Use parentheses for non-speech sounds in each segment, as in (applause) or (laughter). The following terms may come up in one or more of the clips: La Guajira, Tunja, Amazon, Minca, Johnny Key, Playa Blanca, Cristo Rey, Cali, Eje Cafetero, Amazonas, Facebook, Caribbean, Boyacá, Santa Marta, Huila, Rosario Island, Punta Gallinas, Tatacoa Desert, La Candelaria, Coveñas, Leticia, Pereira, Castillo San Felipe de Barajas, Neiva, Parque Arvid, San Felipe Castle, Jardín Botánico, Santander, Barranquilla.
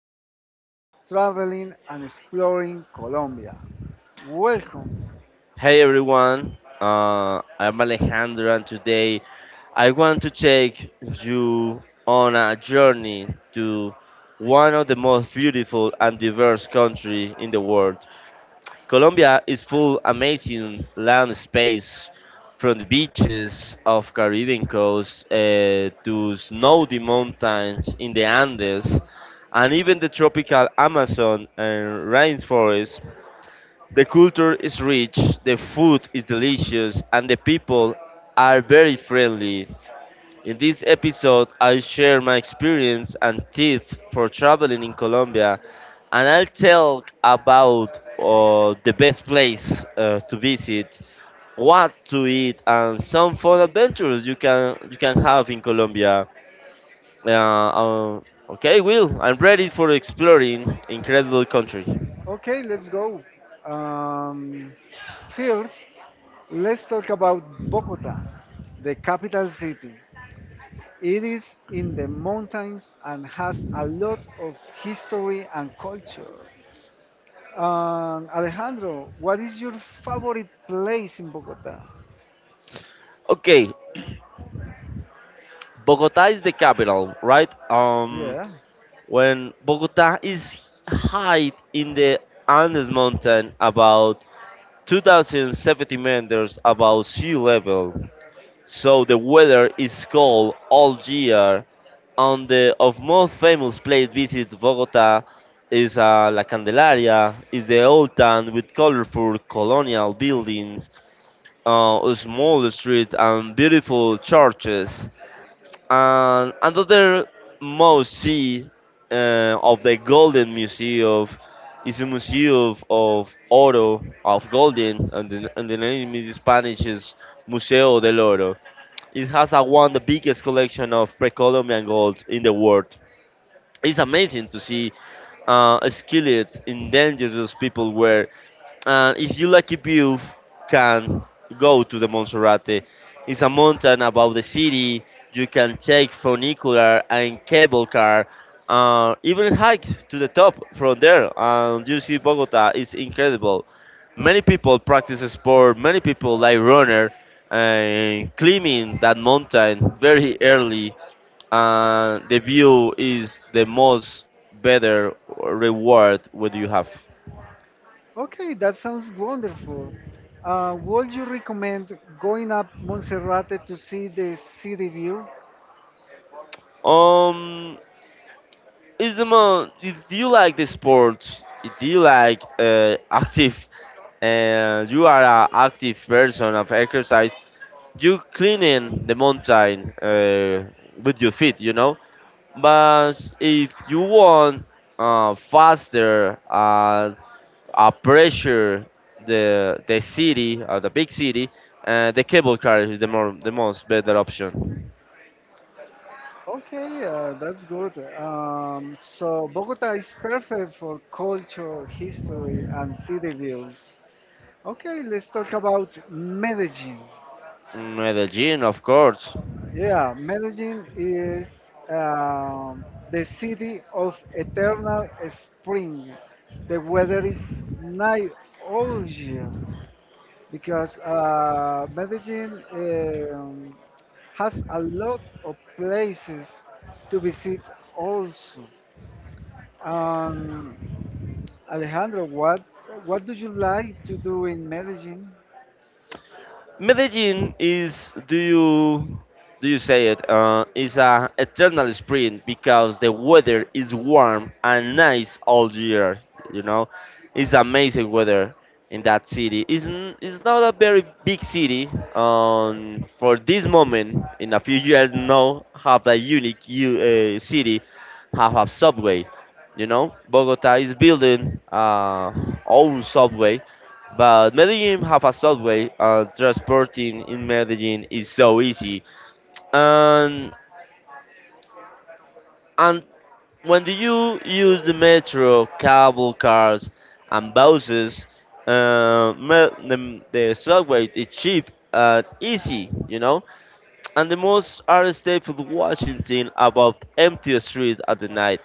who loves traveling and exploring Colombia. Welcome. Hey everyone, I'm Alejandro, and today I want to take you on a journey to one of the most beautiful and diverse country in the world. Colombia is full amazing land space, from the beaches of Caribbean coast to snowy mountains in the Andes, and even the tropical Amazon and rainforest the culture is rich, the food is delicious, and the people are very friendly. In this episode, I'll share my experience and tips for traveling in Colombia, and I'll tell about the best place to visit, what to eat, and some fun adventures you can have in Colombia. Uh, uh, okay, Will, I'm ready for exploring incredible country. Okay, let's go. Um, First, let's talk about Bogota, the capital city. It is in the mountains and has a lot of history and culture. Alejandro, what is your favorite place in Bogota? Okay, Bogota is the capital, right? Yeah. When Bogota is high in the Andes mountain, about 2,070 meters above sea level, so the weather is cold all year. On the of most famous place visit Bogota is La Candelaria, is the old town with colorful colonial buildings, a small street and beautiful churches. And another must see of the Golden Museum is a museum of oro of golden, and the name in Spanish is Museo del Oro. It has a, one of the biggest collection of pre-Columbian gold in the world. It's amazing to see skilled, endangered people were and if you like lucky you can go to the Monserrate. It's a mountain above the city. You can take funicular and cable car, even hike to the top from there. And you see Bogota is incredible. Many people practice sport. Many people like runner and climbing that mountain very early. The view is the most better reward what you have. Okay, that sounds wonderful. Would you recommend going up Monserrate to see the city view? Um, is the mo if you like the sports if you like active and you are an active person of exercise you cleaning the mountain with your feet you know but if you want faster and pressure the city or the big city, the cable car is the more the most better option. Okay, that's good. So Bogota is perfect for culture, history, and city views. Okay, let's talk about Medellin. Mm, Medellin of course. Yeah, Medellin is um, the city of eternal spring. The weather is nice all year because Medellin has a lot of places to visit also. Um, Alejandro, what do you like to do in Medellin? Medellin is do you say it is a eternal spring because the weather is warm and nice all year. You know, it's amazing weather in that city. It's, it's not a very big city. For this moment, in a few years, now have a unique city, have a subway. You know, Bogota is building own subway but Medellin have a subway and transporting in Medellin is so easy. And and when do you use the metro, cable cars and buses, the subway is cheap and easy, you know? And the most are staple Washington about empty street at the night.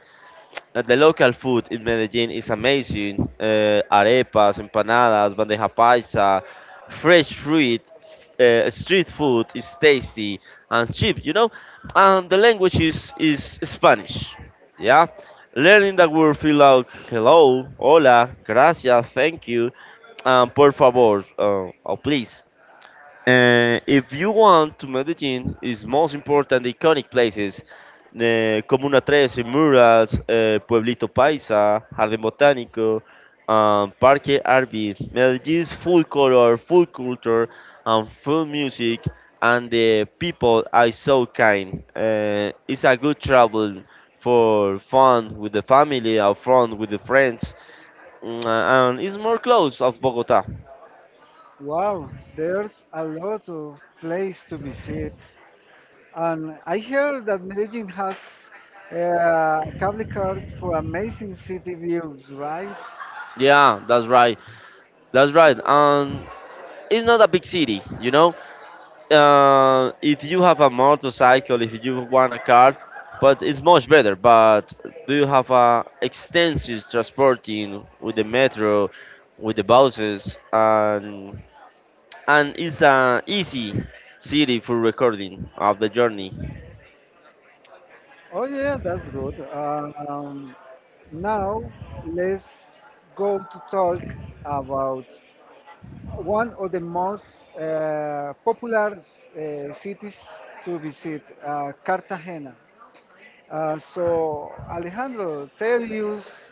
The local food in Medellin is amazing. Arepas, empanadas, bandeja paisa, fresh fruit, street food is tasty and cheap, you know. And the language is Spanish. Yeah. Learning that word feel like hello, hola, gracias, thank you, and por favor, or please. If you want to Medellin, its most important iconic places, the Comuna 13, Murals, Pueblito Paisa, Jardín Botánico, Parque Arvid. Medellin's full color, full culture, and full music, and the people are so kind. It's a good travel for fun with the family or fun with the friends, mm, and it's more close of Bogota. Wow, there's a lot of place to visit. And I heard that Medellin has cable cars for amazing city views, right? Yeah, that's right. That's right. And it's not a big city, you know. If you have a motorcycle, if you want a car, but it's much better. But do you have a extensive transporting with the metro, with the buses, and it's an easy city for recording of the journey. Oh yeah, that's good. Now let's go to talk about one of the most popular cities to visit, Cartagena. So Alejandro, tell us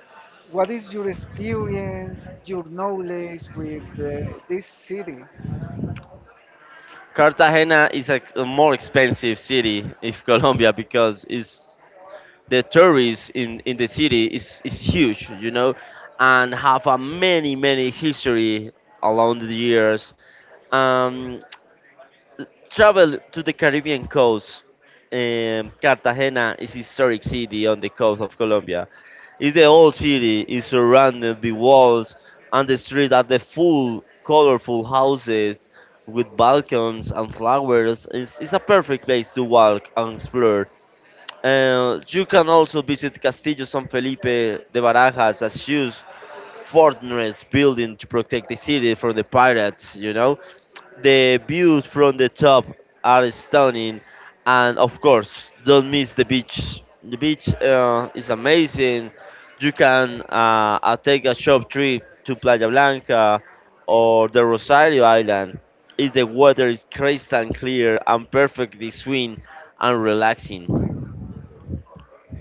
what is your experience, your knowledge with this city? Cartagena is a more expensive city if (laughs) Colombia because it's the tourists in the city is huge you know and have a many history along the years, um travel to the Caribbean coast. Cartagena is a historic city on the coast of Colombia. It's the old city is surrounded by walls and the street are the full colorful houses with balcons and flowers. It's a perfect place to walk and explore. You can also visit Castillo San Felipe de Barajas, a huge fortress building to protect the city from the pirates, you know. The views from the top are stunning, and of course, don't miss the beach. The beach is amazing. You can take a short trip to Playa Blanca or the Rosario Island if the water is crystal clear and perfectly serene and relaxing.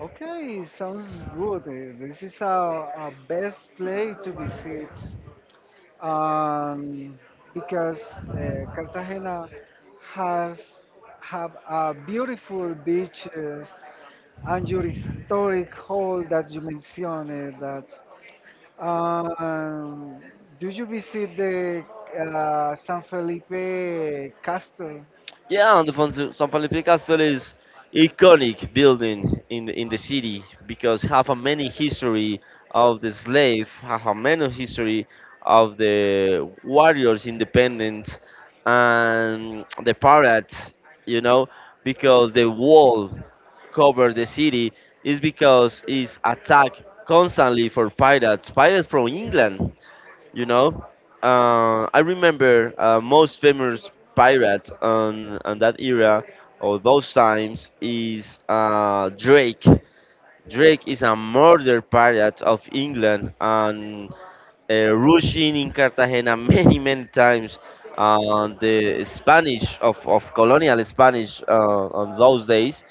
Okay, sounds good. This is a best place to visit, um, because Cartagena has have a beautiful beaches and your historic hall that you mentioned. That, um, do you visit the San Felipe Castle? Yeah, and the San Felipe Castle is iconic building in the city because have a many history of the slave, have a many history of the warriors independence and the pirates, you know, because the wall cover the city is because it's attacked constantly for pirates, pirates from England you know, I remember most famous pirate on that era or those times is Drake. Drake is a murder pirate of England and rushing in Cartagena (laughs) many times. The Spanish of colonial Spanish on those days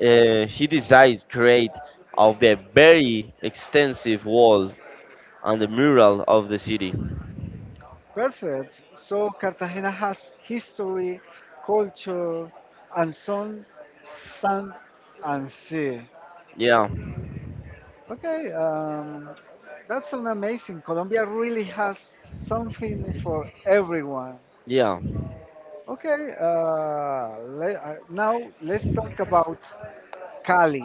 he decides create of the very extensive wall and the mural of the city. Perfect. So Cartagena has history, culture, and sun, sand, and sea. Yeah. Okay, that's an amazing. Colombia really has something for everyone. Yeah. Okay, now let's talk about Cali,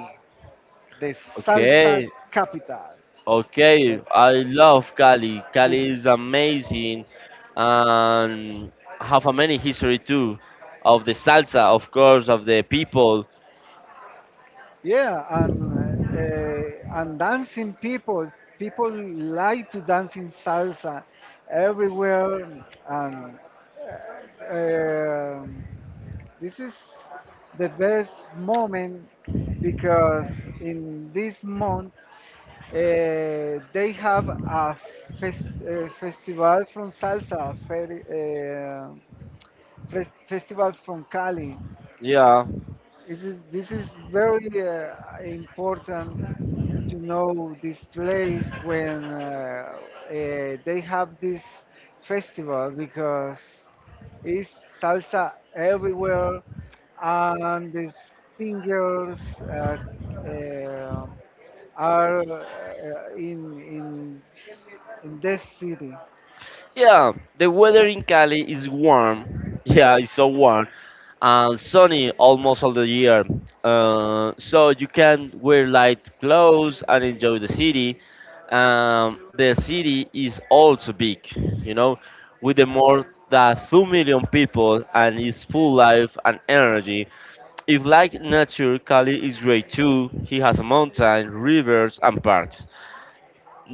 the salsa Okay. capital. Okay. That's, I uh, love Cali. the Cali is amazing and have a many history too of the salsa, of course, of the people. Yeah, and and dancing people, people like to dance in salsa everywhere, and uh, um this is the best moment because in this month uh, they have a festival from salsa, festival from Cali. Yeah. This is very important to know this place when uh, they have this festival because it's salsa everywhere and the singers uh, are in this city. Yeah, the weather in Cali is warm. Yeah, it's so warm and sunny almost all the year. So you can wear light clothes and enjoy the city. The city is also big, you know, with the more than 2 million people and it's full life and energy. If like nature, Cali is great too. He has a mountain, rivers, and parks.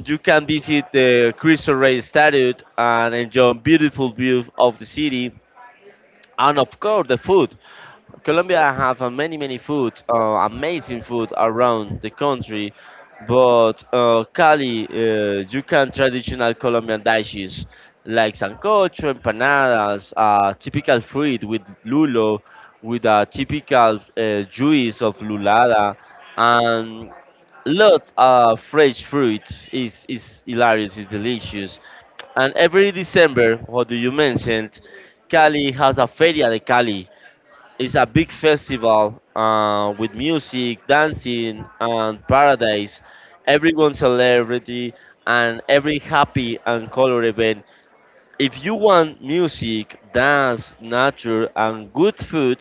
You can visit the Cristo Rey statue and enjoy beautiful view of the city and of course the food. Colombia have many food, amazing food around the country, but Cali, you can traditional Colombian dishes like sancocho, empanadas, typical fruit with lulo, with a typical juice of lulada, and lots of fresh fruit is hilarious, is delicious. And every December, what do you mentioned, Cali has a Feria de Cali it's a big festival with music, dancing, and paradise. Everyone celebrity and every happy and color event. If you want music, dance, nature, and good food,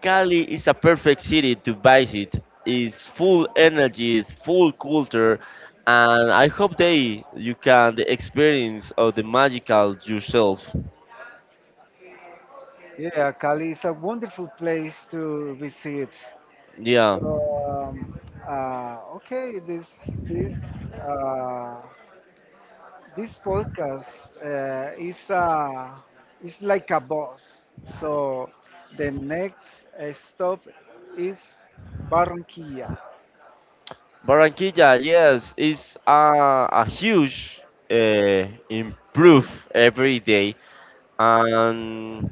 Cali is a perfect city to visit. It's full energy, full culture, and I hope they you can the experience of the magical yourself. Yeah, Cali is a wonderful place to visit. Yeah. So um, okay, this uh, this podcast uh, is uh, is like a bus. So the next stop is Barranquilla. Barranquilla, yes, is a huge improve every day, and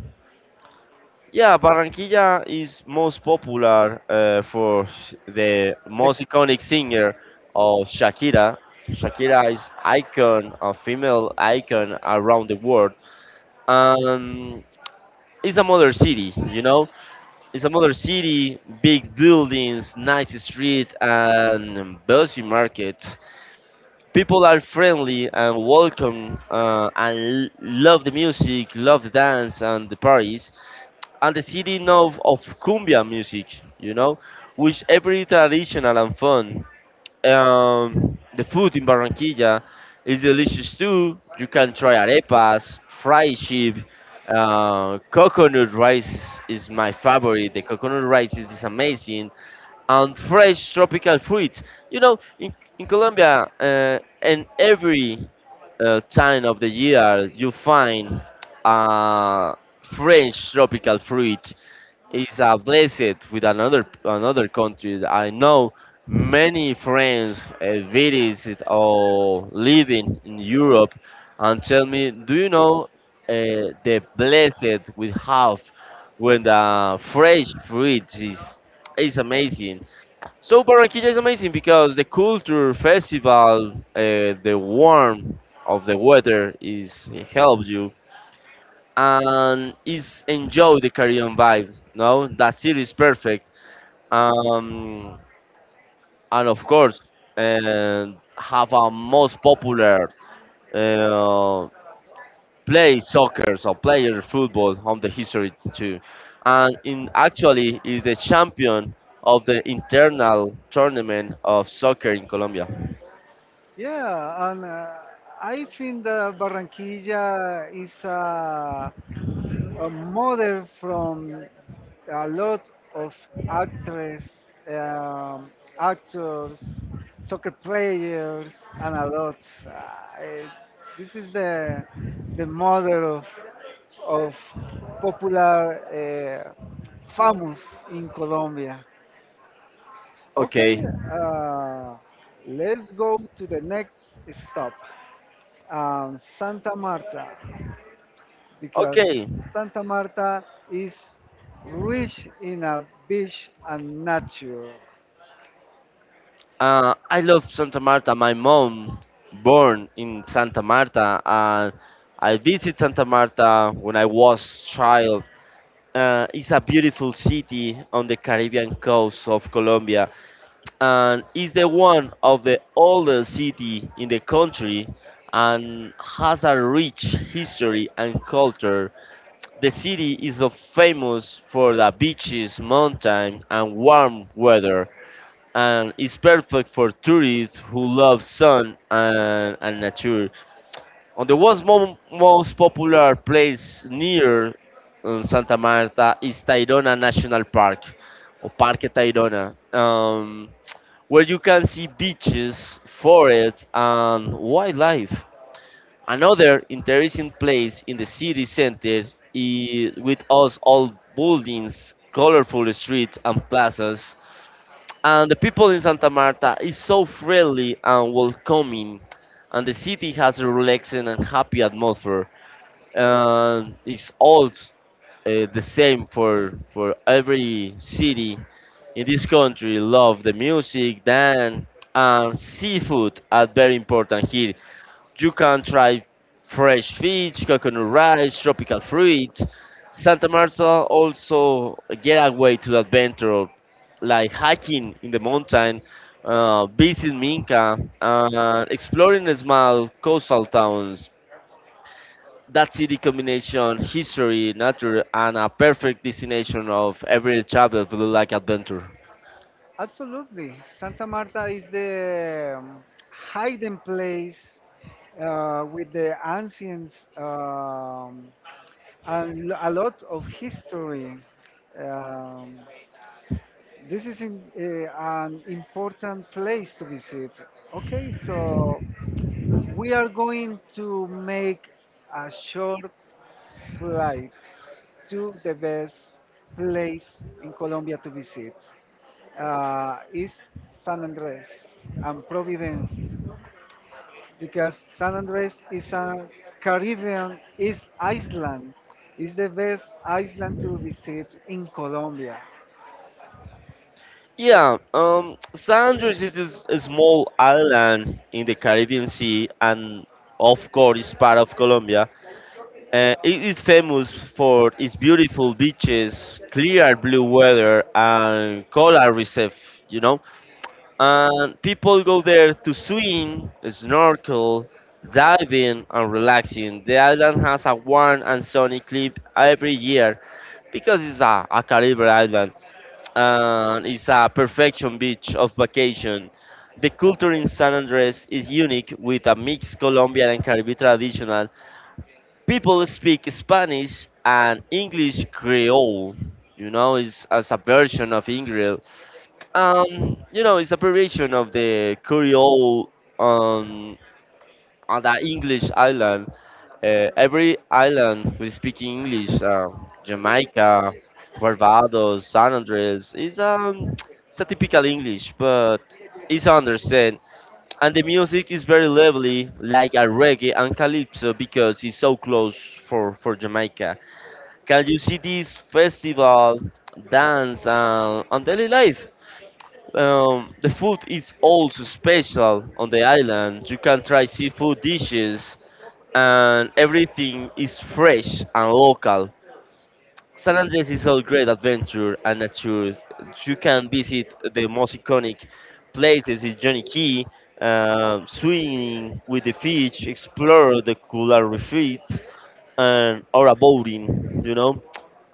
yeah, Barranquilla is most popular for the The, most iconic singer of Shakira. Shakira is icon, a female icon around the world, and it's a mother city, you know. It's a mother city, big buildings, nice street, and busy market. People are friendly and welcome and love the music, love the dance and the parties, and the city know of cumbia music, you know, which every traditional and fun. The food in Barranquilla is delicious too. You can try arepas, fried sheep, coconut rice is my favorite. The coconut rice is amazing and fresh tropical fruit. You know, in Colombia, in every time of the year, you find uh, fresh tropical fruit. It's a blessed with another country. I know many friends visit or living in Europe and tell me, do you know the blessed we have when the fresh fruit is amazing. So Barranquilla is amazing because the culture, festival, the warmth of the weather is it help you and is enjoy the Caribbean vibe. No, that city is perfect. Um, and of course, and have a most popular uh, play soccer or player football on the history too. And in actually is the champion of the internal tournament of soccer in Colombia. yeah, and I think that Barranquilla is a model from a lot of actress, um, actors, soccer players, and a lot. Uh, I, this is the model of of popular, famous in Colombia. Okay, Okay, uh, let's go to the next stop, Santa Marta because okay. Santa Marta is rich in a beach and nature. I love Santa Marta. My mom born in Santa Marta, and I visit Santa Marta when I was child. It's a beautiful city on the Caribbean coast of Colombia, and is the one of the oldest city in the country, and has a rich history and culture. The city is famous for the beaches, mountain, and warm weather. And is perfect for tourists who love sun and nature. And the world's most popular place near Santa Marta is Tayrona National Park, or Parque Tayrona, where you can see beaches, forests, and wildlife. Another interesting place in the city center is with us all buildings, colorful streets, and plazas. And the people in Santa Marta is so friendly and welcoming, and the city has a relaxing and happy atmosphere and it's all the same for every city in this country. Love the music, dance, and seafood are very important here. You can try fresh fish, coconut rice, tropical fruit. Santa Marta also a getaway to adventure, like hiking in the mountain, visiting Minca, and exploring small coastal towns. That city combination history, nature, and a perfect destination of every travel will like adventure. Absolutely. Santa Marta is the hidden place with the ancients, and a lot of history. Um, this is in, an important place to visit. Okay, so we are going to make a short flight to the best place in Colombia to visit, is San Andres and Providence, because San Andres is a Caribbean is island, is the best island to visit in Colombia. Yeah, San Andres is a small island in the Caribbean Sea, and of course, it's part of Colombia. It is famous for its beautiful beaches, clear blue weather, and coral reef. And people go there to swim, snorkel, diving, and relaxing. The island has a warm and sunny clip every year because it's a Caribbean island and it's a perfection beach of vacation. The culture in San Andres is unique with a mixed Colombian and Caribbean traditional. People speak Spanish and English Creole. It's as a version of English. It's a variation of the Creole um, on the English island. Every island we speak English. Jamaica, Barbados, San Andres is (tsk) it's a typical English, but it's understand. And the music is very lively, like a reggae and calypso, because it's so close for Jamaica. Can you see this festival dance on daily life? The food is also special on the island. You can try seafood dishes, and everything is fresh and local. San Andres is a great adventure and nature. You can visit the most iconic places in Johnny Key, swimming with the fish, explore the coral reefs, and or a boating.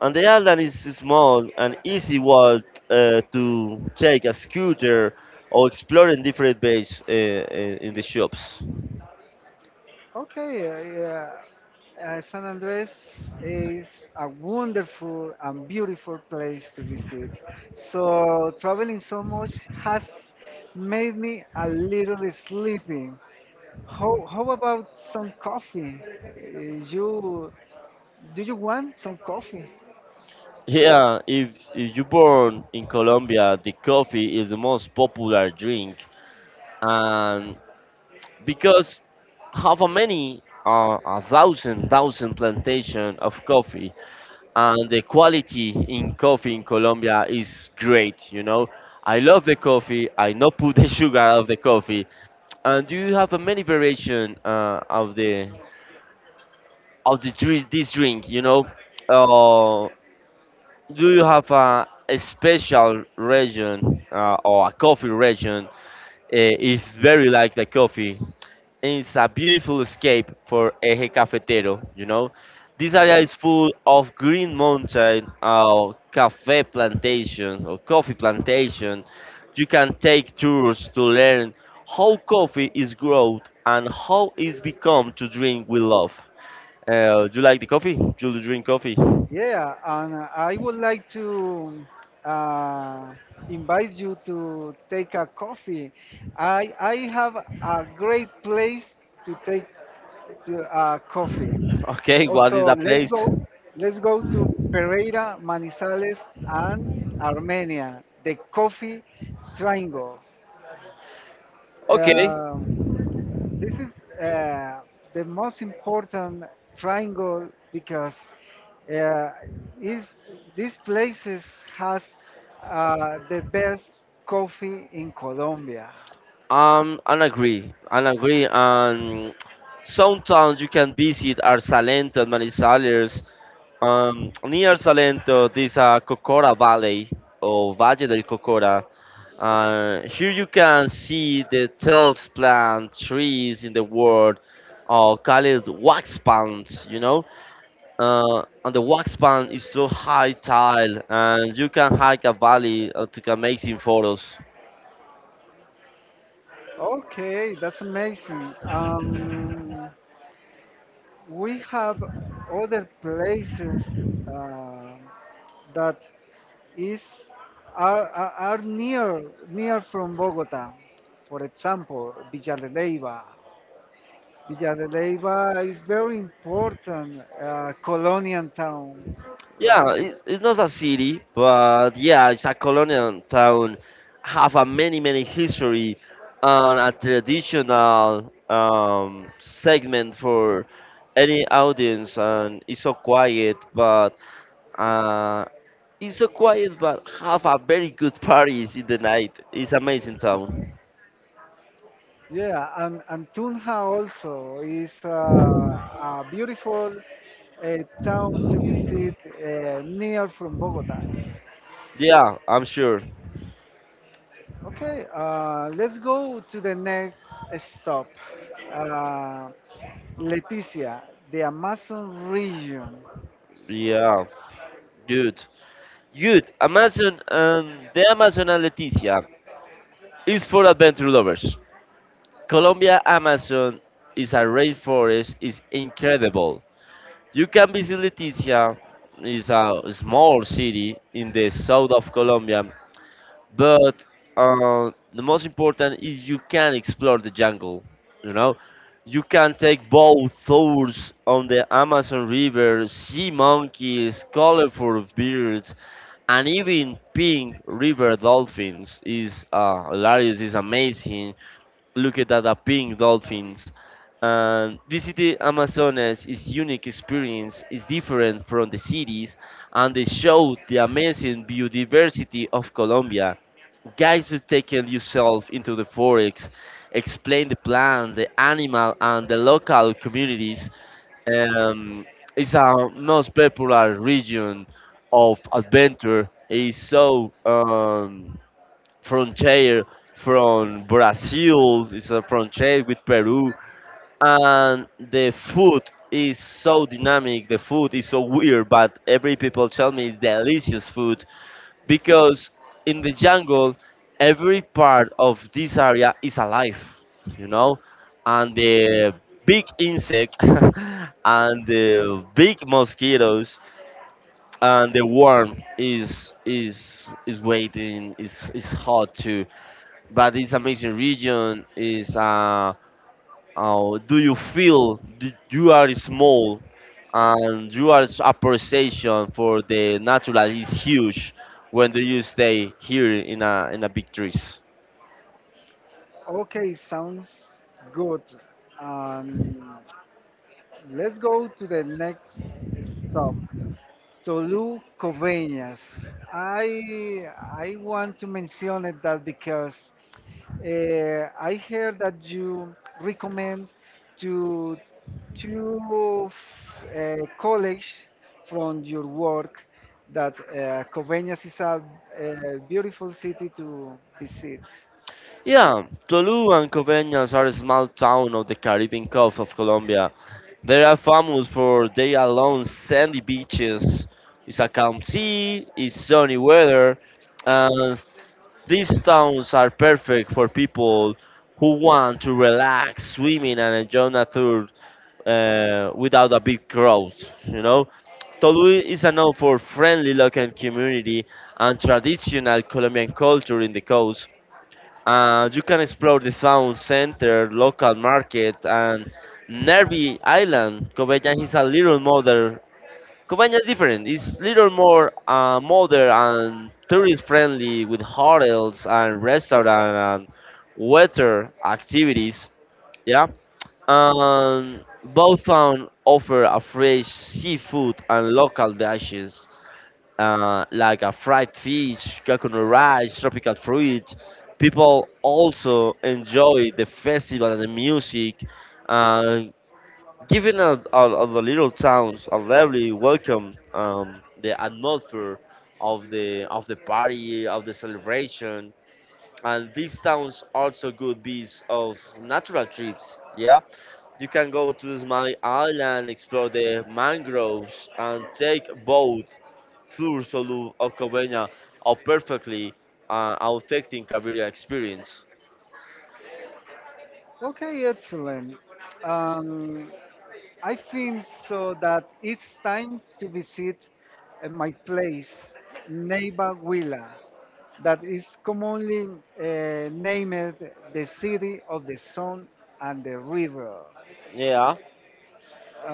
And the island is small and easy walk to take a scooter or explore in different bays in the shops. Okay, yeah. San Andres is a wonderful and beautiful place to visit. So traveling so much has made me a little sleepy. How about some coffee? Uh, you do you want some coffee? Yeah, if you born in Colombia, the coffee is the most popular drink, and because how many a thousand plantation of coffee and the quality in coffee in Colombia is great. I love the coffee. I not put the (laughs) sugar out of the coffee, and you have a many variation of the drink, this drink. Uh, do you have a special region or a coffee region? If very like the coffee it's a beautiful escape for Eje Cafetero. This Yeah, area is full of green mountain, cafe plantation or coffee plantation. You can take tours to learn how coffee is grown and how it's become to drink with love. Do you like the coffee? Do you drink coffee? (laughs) yeah, and I would like to uh, invite you to take a coffee. I have a great place to take to coffee. Okay, what Also, is the let's place? go. Let's go to Pereira, Manizales, and Armenia. The coffee triangle. Okay. Um, this is the most important triangle because uh, is these places has the best coffee in Colombia. I agree. I agree. And sometimes you can visit Arsalento and Manizales. Near Salento, there's a Cocora Valley or Valle del Cocora. Here you can see the tallest plant trees in the world, or called wax plant. And the wax plant is so high tile, and you can hike a valley to take amazing photos. Okay, that's amazing. We have other places uh, that is are, are near from Bogota. For example, Villa de Leyva. Villa de Leyva is very important, colonial town, Yeah, right? it's not a city, but yeah, it's a colonial town. Have a many history and a traditional segment for any audience, and it's so quiet, but uh, it's so quiet, but have a very good parties in the night. It's amazing town. Yeah, and Tunja also is a beautiful uh, town to visit near from Bogota. Yeah, I'm sure. Okay, let's go to the next stop. Uh, Leticia, the Amazon region. Yeah, good, good. Amazon and the Amazon and Leticia is for adventure lovers. Colombia Amazon is a rainforest is incredible. You can visit Leticia, is a small city in the south of Colombia, but the most important is you can explore the jungle. You know, you can take boat tours on the Amazon River, see monkeys, colorful birds, and even pink river dolphins is hilarious, is amazing looked at the pink dolphins. And visiting Amazonas is unique experience is different from the cities and they show the amazing biodiversity of Colombia. Guys who taken yourself into the forest, explain the plant, the animal and the local communities. Um, it's our most popular region of adventure. It's so frontier from Brazil, it's a frontier with Peru, and the food is so dynamic, the food is so weird, but every people tell me it's delicious food because in the jungle, every part of this area is alive, you know, and the big insect (laughs) and the big mosquitoes and the worm is waiting is hot to but this amazing region is do you feel you are small and you your appreciation for the natural is huge when do you stay here in a big trees Okay, sounds good. Um, Let's go to the next stop, Tolu Covenias. I I want to mention it that because I heard that you recommend to two college from your work that Covenias is a, beautiful city to visit. yeah Tolu and Coveñas are a small town of the Caribbean coast of Colombia. They are famous for their long sandy beaches. It's a calm sea, it's sunny weather, and These towns are perfect for people who want to relax, swimming, and enjoy nature without a big crowd. You know, Tolui is a known for friendly local community and traditional Colombian culture in the coast. You can explore the town center, local market, and Nervi Island. Coveyan is a little modern. Covagna is different. It's little more modern and tourist friendly with hotels and restaurant and water activities. Yeah. Both towns offer a fresh seafood and local dishes like a fried fish, coconut rice, tropical fruit. People also enjoy the festival and the music. uh, Given all the little towns unlevelly welcome the atmosphere of the party of the celebration, and these towns also good beasts of natural trips. Yeah, you can go to Smile Island, explore the mangroves and take boat through Solu of Covenia are perfectly affecting Cabrera experience. Okay, excellent. Um, I think so that it's time to visit my place, Neiva Huila, that is commonly named the city of the sun and the river. Yeah.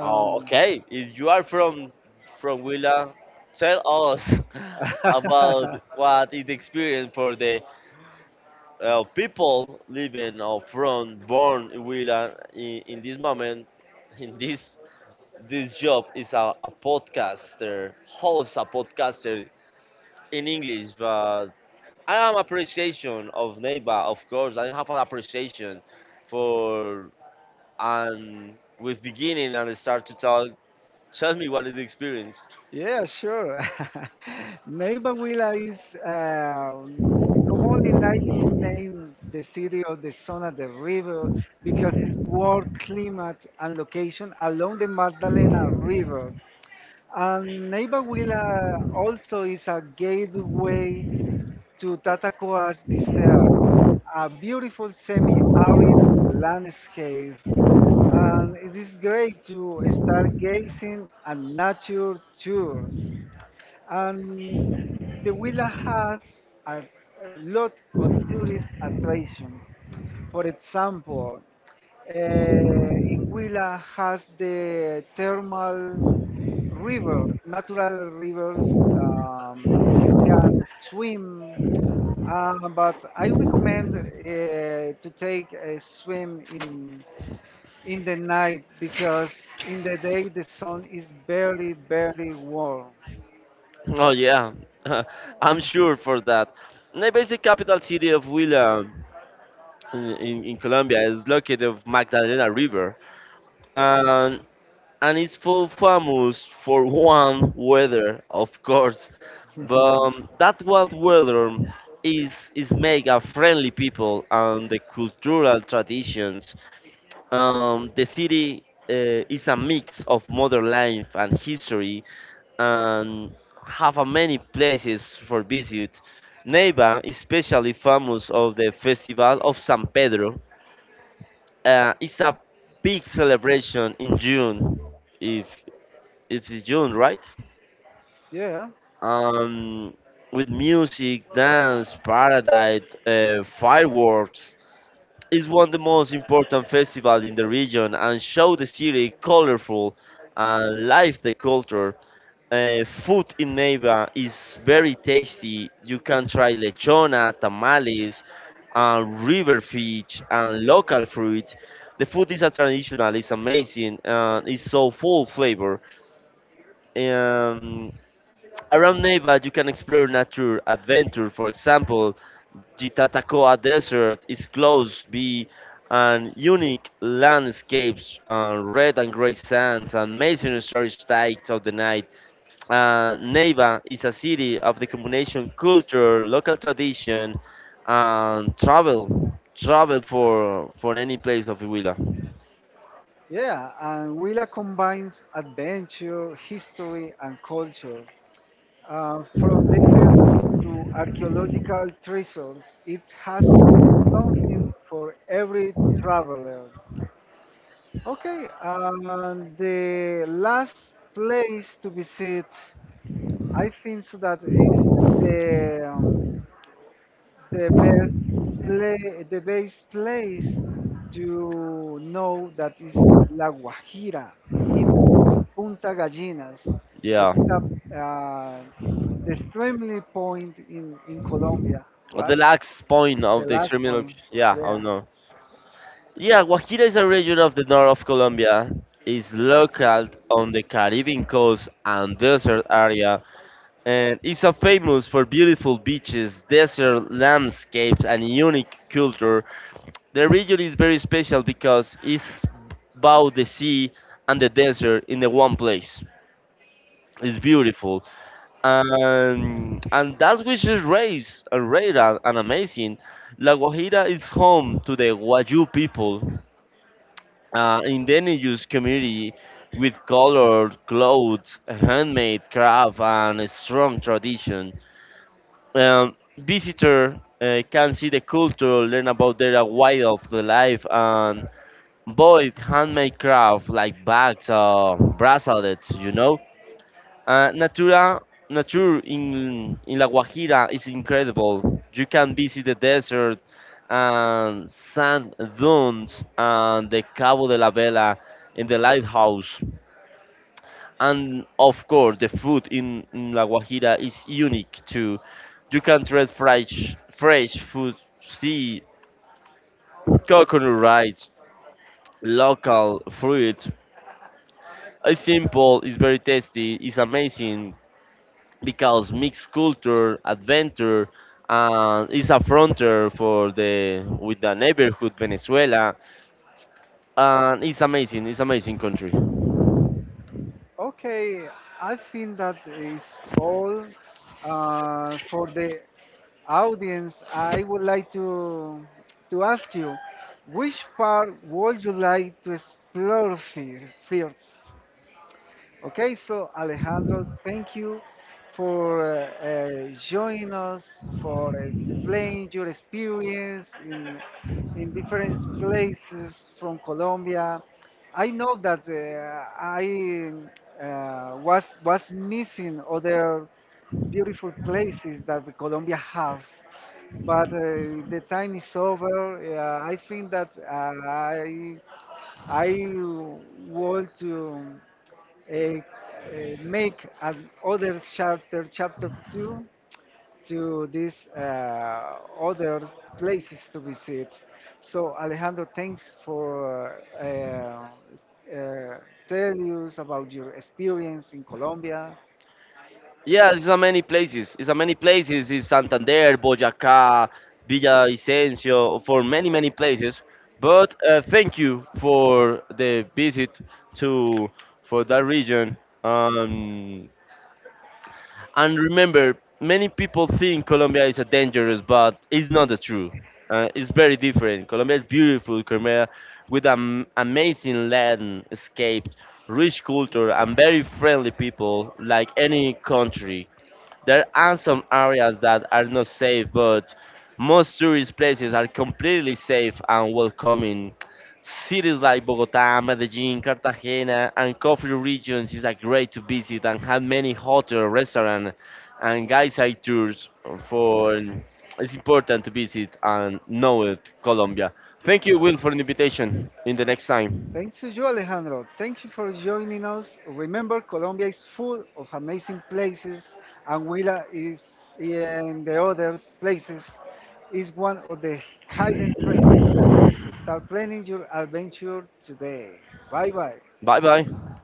Oh, okay. If you are from Huila, tell us (laughs) about (laughs) what is the experience for the people living or from born in Huila in this moment, in this job is a podcaster, host a podcaster in English, but I am appreciation of Neighbor, of course. I have an appreciation for and with beginning and start to talk. Tell me what is the experience. Yeah, sure. (laughs) Neiva Huila is commonly named the city of the Son of the river because its warm climate and location along the Magdalena River. And Neiva Huila also is a gateway to Tatacoa's desert, a beautiful semi-arid landscape. And it is great to start gazing at nature tours, and the villa has a, a lot of tourist attraction. For example, in Huila has the thermal rivers, natural rivers. You can swim, but I recommend to take a swim in the night, because in the day the sun is very very warm. Oh yeah, (laughs) I'm sure for that. The basic capital city of Huila in Colombia is located of Magdalena River, and and it's full famous for warm weather, of course. But that warm weather is mega friendly people and the cultural traditions. The city is a mix of modern life and history and have a many places for visit. Neiva is especially famous of the Festival of San Pedro. It's a big celebration in June, if if it's June, right? (laughs) Yeah. Um, with music, dance, paradise, fireworks. It's one of the most important festivals in the region and show the city colorful and live the culture. Food in Neiva is very tasty. You can try lechona, tamales, and river fish, and local fruit. The food is a traditional, it's amazing, and it's so full flavor. Um, Around Neiva, you can explore nature, adventure. For example, the Tatacoa Desert is close by and unique landscapes, red and gray sands, and amazing stories tied of the night. Neiva is a city of the combination culture, local tradition, and travel. Travel for any place of Huila. Yeah, and Willa combines adventure, history, and culture. From desert to archaeological treasures, it has something for every traveler. Okay, and the last place to visit, I think so that is the, the the best place to know, that is La Guajira in Punta Gallinas, because Yeah. it's a, uh, the extremely point in Colombia, The right? last point The of the last extreme point, yeah, not yeah. know. Yeah, Guajira is a region of the north of Colombia. It's located on the Caribbean coast and desert area, and it's a famous for beautiful beaches, desert landscapes, and unique culture. The region is very special because it's both the sea and the desert in the one place. It's beautiful, and that which is raised and rare and amazing. La Guajira is home to the Wayuu people, indigenous community with colored clothes, handmade craft, and a strong tradition. Visitor can see the culture, learn about their way of the life, and both handmade craft like bags or bracelets. Uh, natura, Nature in La Guajira is incredible. You can visit the desert and sand dunes and the Cabo de la Vela in the lighthouse. And of course, the food in La Guajira is unique too. You can try fresh food, see coconut rice, local fruit. It's simple, it's very tasty, it's amazing because mixed culture, adventure, and it's a frontier for the with the neighborhood Venezuela, and it's amazing. It's amazing country. Okay, I think that is all for the audience. I would like to ask you, which part would you like to explore first? Okay, so Alejandro, thank you for joining us, for explaining your experience in different places from Colombia. I know that I was missing other beautiful places that Colombia have, but the time is over. I think that I want to eh, make another chapter, chapter two, to these other places to visit. So Alejandro, thanks for tell us about your experience in Colombia. Yeah, it's a many places. It's a many places. It's Santander, Boyacá, Villavicencio, for many places. But thank you for the visit to for that region. And remember, many people think Colombia is a dangerous, but it's not the true. It's very different. Colombia is beautiful. Colombia with an amazing landscape, rich culture, and very friendly people, like any country. There are some areas that are not safe, but most tourist places are completely safe and welcoming. Cities like Bogota, Medellin, Cartagena, and coffee regions is a great to visit and have many hotel, restaurant, and guide tours. For it's important to visit and know it, Colombia. Thank you, Will, for the invitation. In the next time. Thanks to you, Alejandro. Thank you for joining us. Remember, Colombia is full of amazing places, and Huila is in the other places is one of the hidden treasures. Start planning your adventure today. Bye bye. Bye bye.